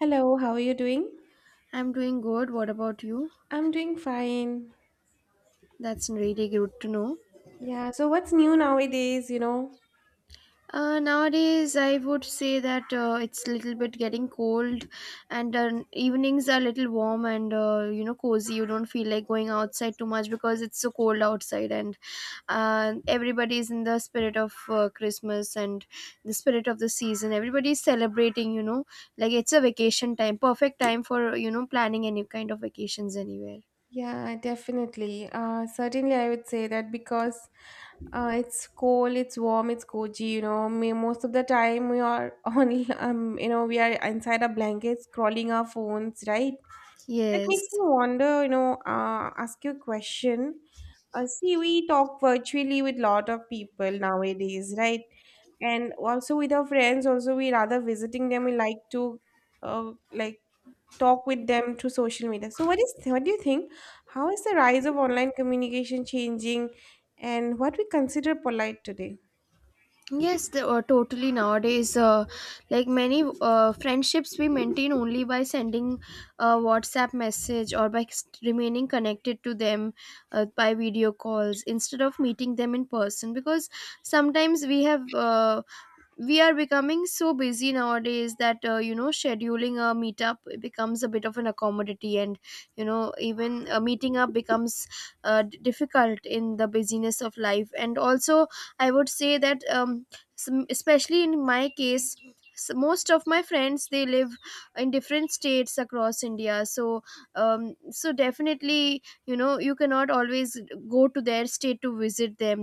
Hello, how are you doing? I'm doing good. What about you? I'm doing fine. That's really good to know. Yeah, so what's new nowadays, you know? Nowadays, I would say that it's a little bit getting cold, and evenings are a little warm and you know cozy. You don't feel like going outside too much because it's so cold outside, and everybody is in the spirit of Christmas and the spirit of the season. Everybody is celebrating, you know, like it's a vacation time, perfect time for planning any kind of vacations anywhere. Yeah, definitely. Certainly, I would say that because it's cold, it's warm, it's cozy, you know. Me, most of the time, we are on, we are inside our blankets, scrolling our phones, right? That makes Yes. me wonder, you know, ask you a question. See, we talk virtually with lot of people nowadays, right? And also with our friends, also we rather visiting them, we like to uh, like talk with them through social media. So what do you think? How is the rise of online communication changing and what we consider polite today? Totally. Nowadays, like many friendships, we maintain only by sending a WhatsApp message or by remaining connected to them by video calls instead of meeting them in person. Because sometimes we are becoming so busy nowadays that you know scheduling a meetup becomes a bit of an accommodity, and you know even meeting up becomes difficult in the busyness of life. And also I would say that some, especially in my case, most of my friends they live in different states across India. So so definitely you know you cannot always go to their state to visit them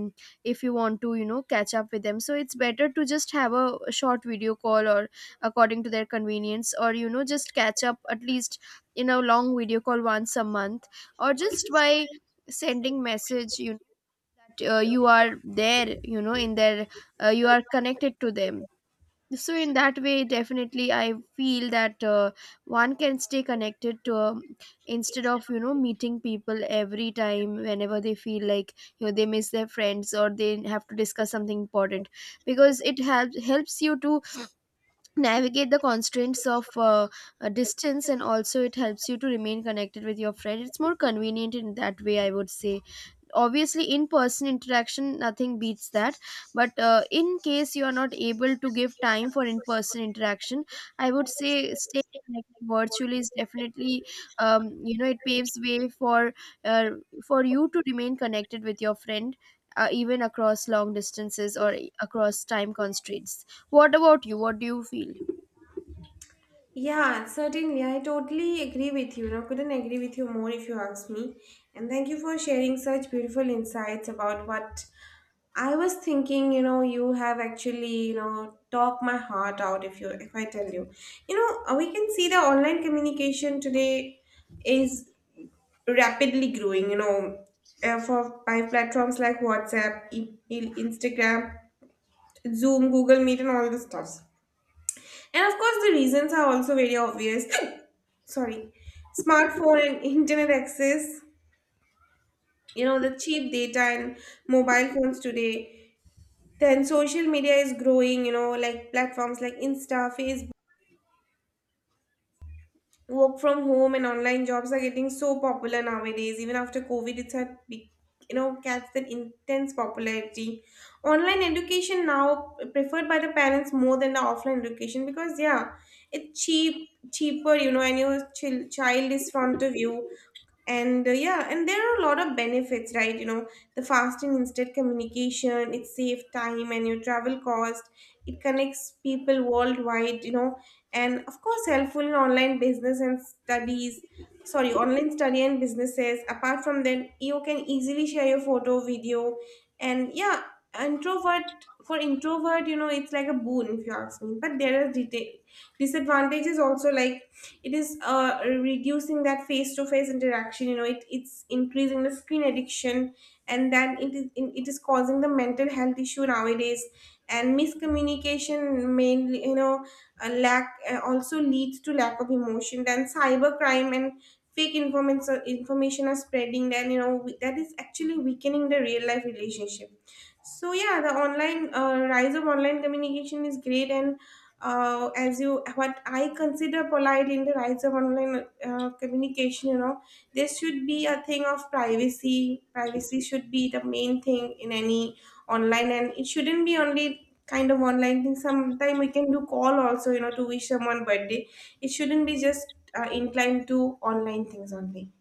if you want to you know catch up with them. So it's better to just have a short video call, or according to their convenience, or you know just catch up at least in a long video call once a month, or just by sending message you know that you are there you know in their you are connected to them. So in that way definitely I feel that one can stay connected to instead of you know meeting people every time whenever they feel like you know they miss their friends or they have to discuss something important, because it helps you to navigate the constraints of distance, and also it helps you to remain connected with your friend. It's more convenient in that way I would say. Obviously in person interaction, nothing beats that, but in case you are not able to give time for in person interaction, I would say stay connected virtually is definitely you know it paves way uh, for you to remain connected with your friend, even across long distances or across time constraints. What about you? What do you feel? Yeah, certainly. I totally agree with you. Now, couldn't agree with you more if you ask me. And thank you for sharing such beautiful insights about what I was thinking. You know, you have actually, you know, talked my heart out if I tell you. You know, we can see the online communication today is rapidly growing, you know, for by platforms like WhatsApp, Instagram, Zoom, Google Meet and all the stuff. And of course, the reasons are also very obvious. Sorry, smartphone and internet access, you know, the cheap data and mobile phones today. Then social media is growing, you know, like platforms like Insta, Facebook. Work from home and online jobs are getting so popular nowadays, even after covid you know, catch that intense popularity. Online education now preferred by the parents more than the offline education, because yeah, it's cheaper, you know, and your child is front of you. And yeah, and there are a lot of benefits, right? You know, the fast and instant communication, it saves time and your travel cost, it connects people worldwide, you know, and of course helpful in online business and studies. Sorry, online study and businesses. Apart from that, you can easily share your photo, video, and yeah, introvert for introvert, you know, it's like a boon if you ask me. But there are disadvantages also, like it is reducing that face-to-face interaction, you know, it's increasing the screen addiction, and then it is causing the mental health issue nowadays, and miscommunication mainly, you know, a lack, also leads to lack of emotion. Then cybercrime and fake information are spreading. Then you know, that is actually weakening the real life relationship. So yeah, the online rise of online communication is great. And as you, what I consider polite in the rise of online communication. You know, there should be a thing of privacy. Privacy should be the main thing in any online, and it shouldn't be only kind of online thing. Sometime we can do call also. You know, to wish someone birthday. It shouldn't be just inclined to online things only.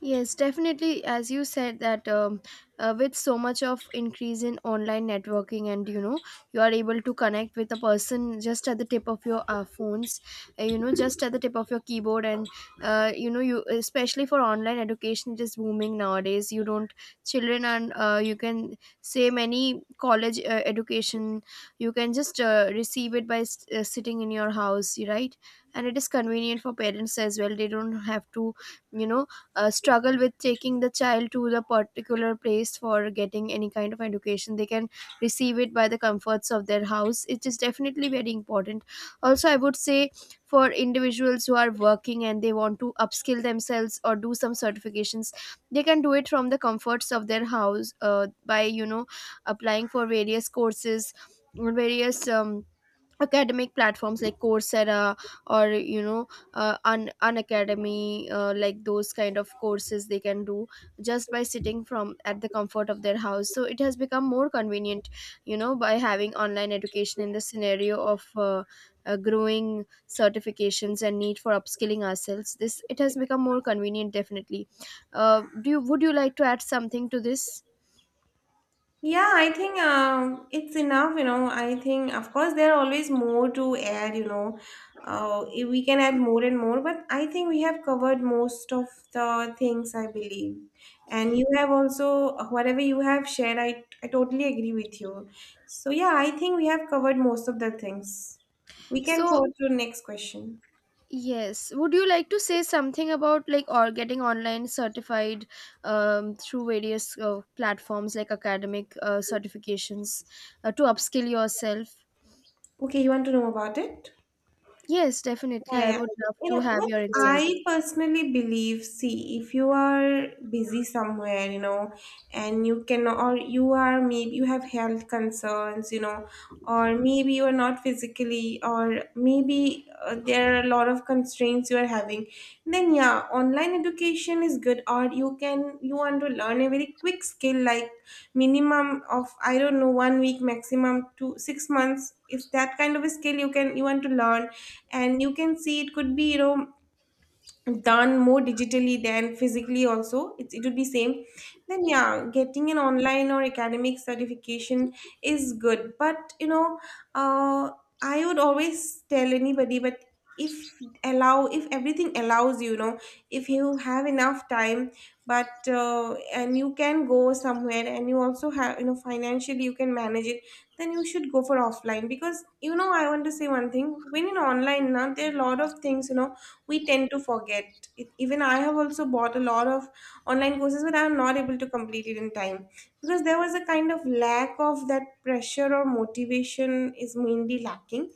Yes, definitely. As you said that with so much of increase in online networking, and you know, you are able to connect with a person just at the tip of your phones, you know, just at the tip of your keyboard, and you know, you especially for online education, it is booming nowadays. You don't children and you can say many college education, you can just receive it by sitting in your house, right? And it is convenient for parents as well. They don't have to you know struggle with taking the child to the particular place for getting any kind of education. They can receive it by the comforts of their house. It is definitely very important. Also I would say for individuals who are working and they want to upskill themselves or do some certifications, they can do it from the comforts of their house by you know applying for various courses, various academic platforms like Coursera, or you know Unacademy, like those kind of courses they can do just by sitting from at the comfort of their house. So it has become more convenient you know by having online education in the scenario of growing certifications and need for upskilling ourselves. This it has become more convenient definitely. Do you would you like to add something to this? Yeah, I think it's enough, you know. I think, of course, there are always more to add, you know. If we can add more and more, but I think we have covered most of the things, I believe. And you have also, whatever you have shared, I totally agree with you. So, yeah, I think we have covered most of the things. We can So forward to the next question. yes. Would you like to say something about like or getting online certified through various platforms like academic certifications to upskill yourself? Okay, you want to know about it? Yes, Yeah, definitely. I yeah. would love You to know, have what your insights. I personally believe, see, if you are busy somewhere, you know, and you cannot, or you are maybe you have health concerns, you know, or maybe you are not physically, or maybe there are a lot of constraints you are having, then yeah, online education is good. Or you can, you want to learn a very quick skill, like minimum of, I don't know, 1 week, maximum to 6 months. Is that kind of a skill you can, you want to learn? And you can see, it could be, you know, done more digitally than physically. Also it would be same. Then yeah, getting an online or academic certification is good. But you know, uh, I would always tell anybody, but if, allow if everything allows you, you know, if you have enough time, but and you can go somewhere and you also have, you know, financially you can manage it, then you should go for offline. Because you know, I want to say one thing, when in online now, there are a lot of things, you know, we tend to forget it. Even I have also bought a lot of online courses, but I'm not able to complete it in time, because there was a kind of lack of that pressure, or motivation is mainly lacking.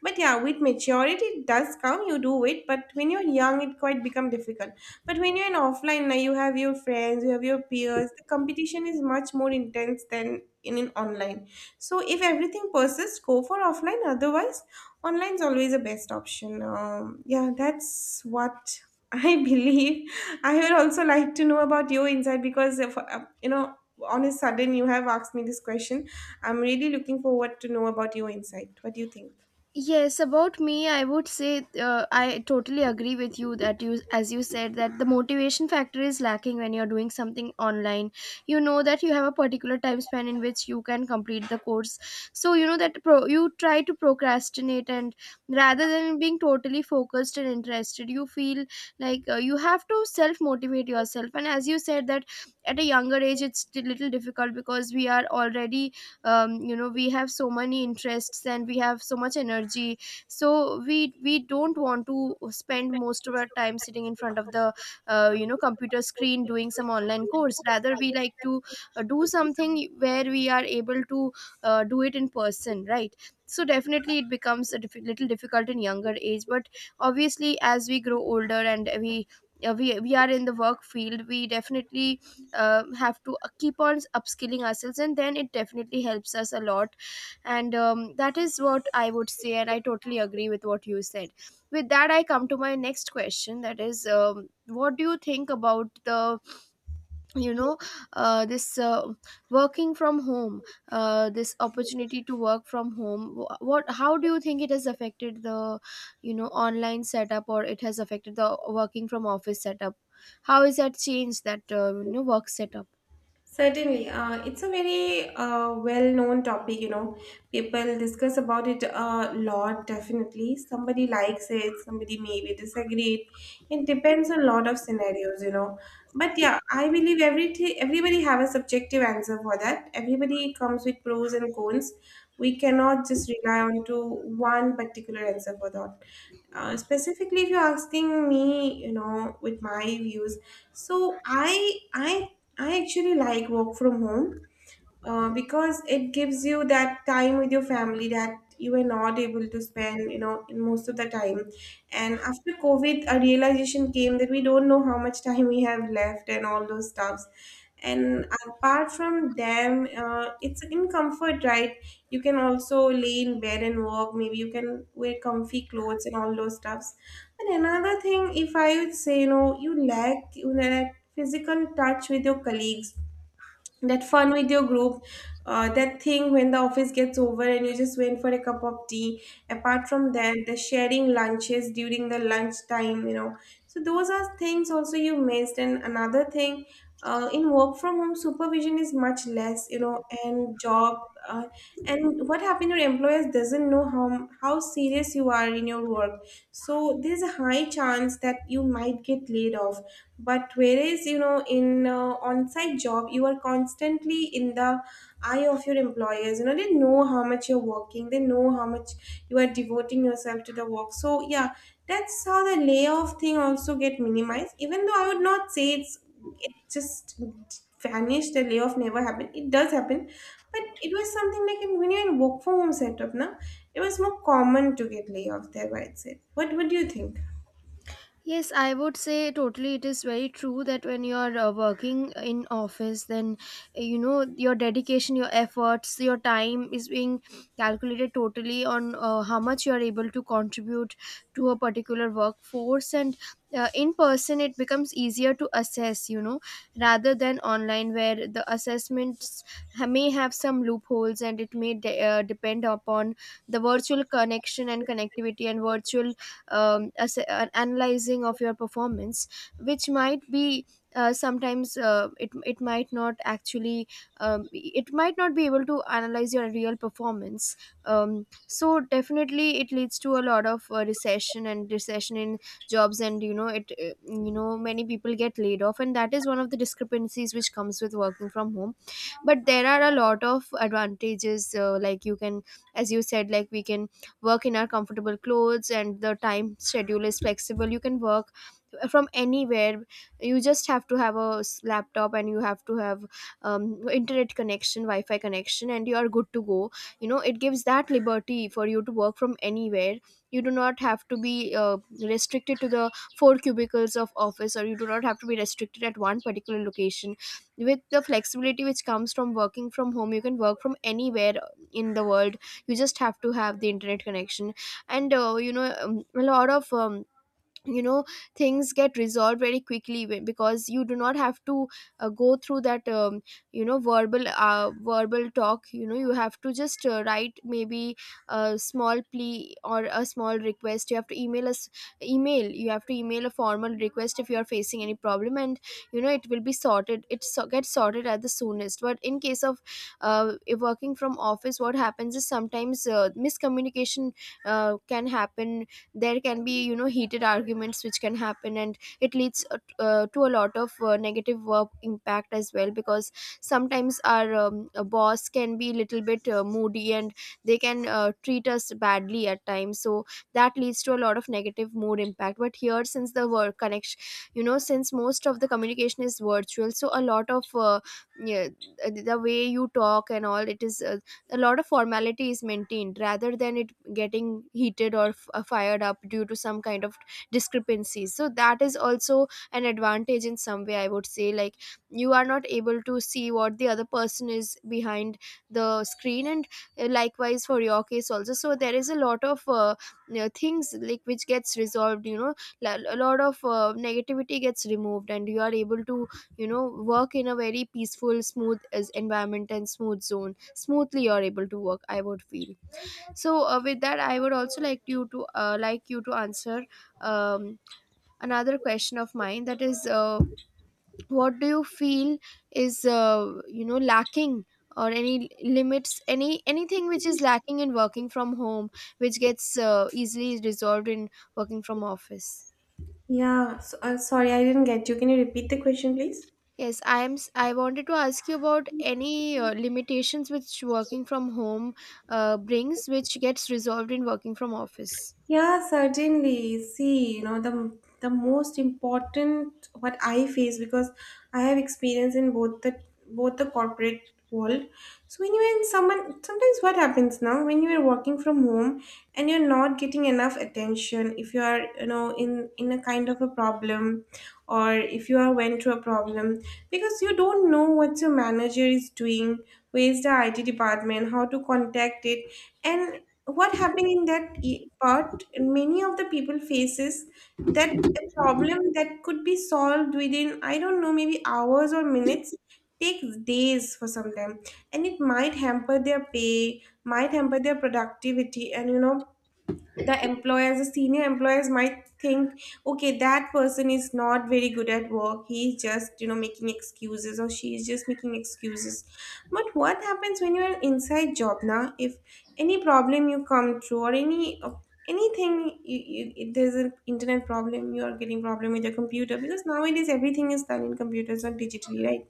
But yeah, with maturity it does come, you do it, but when you're young it quite become difficult. But when you're in offline now, you have your friends, you have your peers, the competition is much more intense than in online. So if everything persists, go for offline. Otherwise online is always the best option. Yeah, that's what I believe. I would also like to know about your insight, because, if, you know, on a sudden you have asked me this question. I'm really looking forward to know about your insight. What do you think? Yes, about me, I would say I totally agree with you that you, as you said, that the motivation factor is lacking when you're doing something online. You know that you have a particular time span in which you can complete the course. So you know that you try to procrastinate, and rather than being totally focused and interested, you feel like you have to self motivate yourself. And as you said, that at a younger age, it's a little difficult because we are already you know we have so many interests and we have so much energy, so we don't want to spend most of our time sitting in front of the you know computer screen doing some online course. Rather we like to do something where we are able to do it in person, right? So definitely it becomes a little difficult in younger age, but obviously as we grow older and we we are in the work field, we definitely have to keep on upskilling ourselves, and then it definitely helps us a lot. And that is what I would say, and I totally agree with what you said. With that I come to my next question, that is what do you think about the you know this working from home, this opportunity to work from home? What how do you think it has affected the you know online setup, or it has affected the working from office setup? How is that changed that you know work setup? Certainly, it's a very well-known topic. You know, people discuss about it a lot. Definitely, somebody likes it, somebody maybe disagree. It depends on a lot of scenarios. You know, but yeah, I believe everybody have a subjective answer for that. Everybody comes with pros and cons. We cannot just rely on to one particular answer for that. Specifically, if you're asking me, you know, with my views, so I I actually like work from home, because it gives you that time with your family that you were not able to spend, you know, in most of the time. And after covid, a realization came that we don't know how much time we have left and all those stuffs. And apart from them, it's in comfort, right? You can also lay in bed and work, maybe you can wear comfy clothes and all those stuffs. And another thing, if I would say, you know, you lack, you know, that physical touch with your colleagues, that fun with your group, that thing when the office gets over and you just went for a cup of tea. Apart from that, the sharing lunches during the lunch time, you know. So those are things also you missed. And another thing, in work from home, supervision is much less, you know, and job. Uh, and what happened to your employers, doesn't know how serious you are in your work. So there's a high chance that you might get laid off. But whereas you know, in on-site job, you are constantly in the eye of your employers, you know, they know how much you're working, they know how much you are devoting yourself to the work. So yeah, that's how the layoff thing also get minimized, even though I would not say it's, it just vanished, the layoff never happened. It does happen. But it was something like in, when you're in work from home setup now, it was more common to get layoff there, I'd say. What would you think? Yes, I would say totally. It is very true that when you are working in office, then you know your dedication, your efforts, your time is being calculated totally on how much you are able to contribute to a particular workforce. And in person, it becomes easier to assess, you know, rather than online, where the assessments may have some loopholes, and it may depend upon the virtual connection and connectivity and virtual an analyzing of your performance, which might be sometimes it might not actually it might not be able to analyze your real performance. So definitely it leads to a lot of recession in jobs, and you know it you know many people get laid off, and that is one of the discrepancies which comes with working from home. But there are a lot of advantages, like you can as you said like we can work in our comfortable clothes, and the time schedule is flexible. You can work from anywhere. You just have to have a laptop and you have to have um, internet connection, wi-fi connection, and you are good to go. You know it gives that liberty for you to work from anywhere. You do not have to be restricted to the four cubicles of office, or you do not have to be restricted at one particular location. With the flexibility which comes from working from home, you can work from anywhere in the world. You just have to have the internet connection. And you know a lot of you know things get resolved very quickly because you do not have to go through that you know verbal talk. You know you have to just write maybe a small plea or a small request. You have to email us email you have to email a formal request if you are facing any problem, and you know it will be gets sorted at the soonest. But in case of uh, working from office, what happens is sometimes miscommunication can happen. There can be you know heated arguments which can happen, and it leads to a lot of negative work impact as well, because sometimes our boss can be a little bit moody, and they can treat us badly at times. So that leads to a lot of negative mood impact. But here, since the work connection you know since most of the communication is virtual, so a lot of yeah, the way you talk and all it is a lot of formality is maintained, rather than it getting heated or fired up due to some kind of discrepancies. So that is also an advantage in some way I would say, like you are not able to see what the other person is behind the screen, and likewise for your case also. So there is a lot of you know, things like which gets resolved you know a lot of negativity gets removed, and you are able to you know work in a very peaceful smooth as environment and smooth zone smoothly you're able to work, I would feel. So with that, I would also like you to answer um, another question of mine, that is what do you feel is you know lacking or any limits any anything which is lacking in working from home which gets easily resolved in working from office? Yeah, so, sorry, I didn't get you. Can you repeat the question, please? Yes, I am I wanted to ask you about any limitations which working from home brings which gets resolved in working from office. Yeah, certainly. See, you know, the most important what I face, because I have experience in both the, both the corporate world. So when you're in someone, sometimes what happens now, when you are working from home and you're not getting enough attention, if you are, you know, in a kind of a problem, or if you are went through a problem, because you don't know what your manager is doing, where is the IT department, how to contact it, and what happened in that part, many of the people faces that, a problem that could be solved within, I don't know, maybe hours or minutes, takes days for some time. And it might hamper their pay, might hamper their productivity, and you know, the employers, the senior employers might think, okay, that person is not very good at work, he's just, you know, making excuses, or she is just making excuses. But what happens when you're an inside job now, if any problem you come through, or any anything, if there's an internet problem, you are getting problem with your computer, because nowadays everything is done in computers or digitally, right?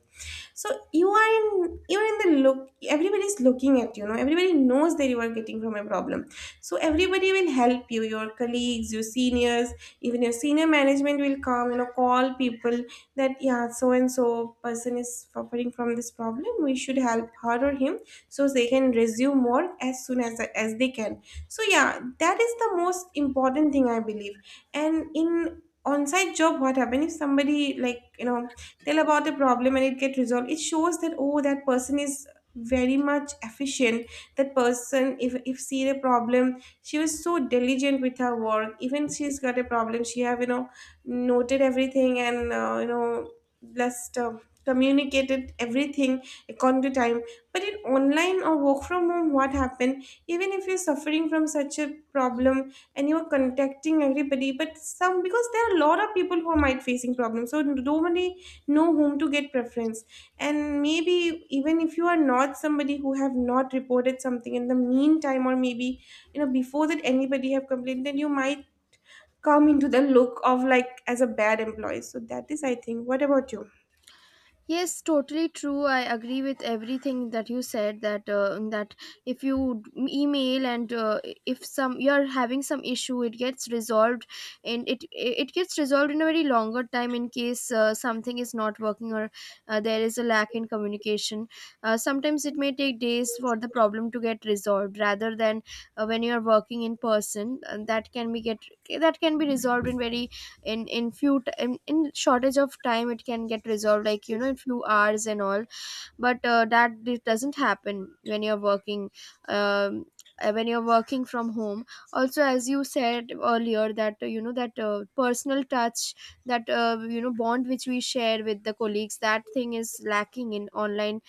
So you are in, you're in the look, everybody's looking, at you know, everybody knows that you are getting from a problem. So everybody will help you, your colleagues, your seniors, even your senior management will come, you know, call people, that yeah, so and so person is suffering from this problem, we should help her or him, so they can resume work as soon as they can. So yeah, that is the most important thing I believe. And in on-site job, what happens, if somebody, like you know, tell about the problem and it get resolved, it shows that oh, that person is very much efficient, that person, if see a problem, she was so diligent with her work, even she's got a problem, she have, you know, noted everything, and you know, just communicated everything according to time. But in online or work from home, what happened, even if you're suffering from such a problem, and you're contacting everybody, but some, because there are a lot of people who might facing problems, so nobody know whom to get preference. And maybe, even if you are not somebody who have not reported something in the meantime, or maybe you know, before that anybody have complained, then you might come into the look of like as a bad employee. So that is, I think. What about you? Yes, totally true. I agree with everything that you said. That if you email, and if some you're having some issue, it gets resolved, and it gets resolved in a very longer time in case something is not working, or there is a lack in communication. Sometimes it may take days for the problem to get resolved, rather than when you are working in person. And that can be resolved in very in few t- in shortage of time it can get resolved like you know in few hours and all. But that this doesn't happen um, when you're working from home. Also as you said earlier that you know that personal touch, that you know bond which we share with the colleagues, that thing is lacking in online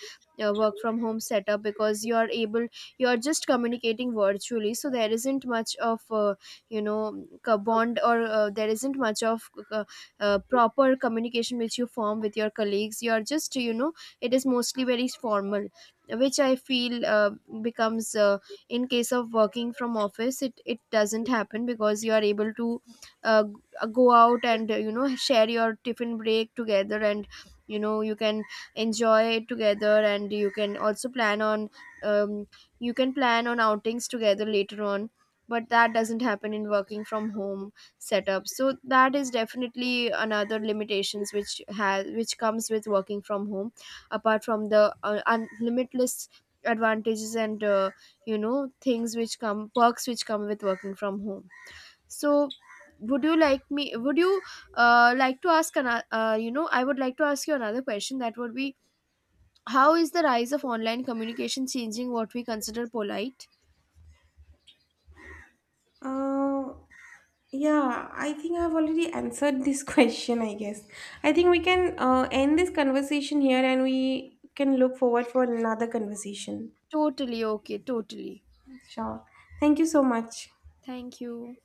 work from home setup, because you are able you are just communicating virtually, so there isn't much of you know bond, or there isn't much of proper communication which you form with your colleagues. You are just you know it is mostly very formal, which I feel becomes in case of working from office it it doesn't happen, because you are able to uh, go out and you know share your tiffin break together, and you know you can enjoy it together, and you can also plan on um, you can plan on outings together later on. But that doesn't happen in working from home setup. So that is definitely another limitations which has which comes with working from home, apart from the limitless advantages and you know things which come perks which come with working from home. So would you like me would you like to ask another you know I would like to ask you another question, that would be, how is the rise of online communication changing what we consider polite? Uh, yeah, I think I've already answered this question, I guess. I think we can end this conversation here, and we can look forward for another conversation. Totally, okay, totally. Sure, thank you so much. Thank you.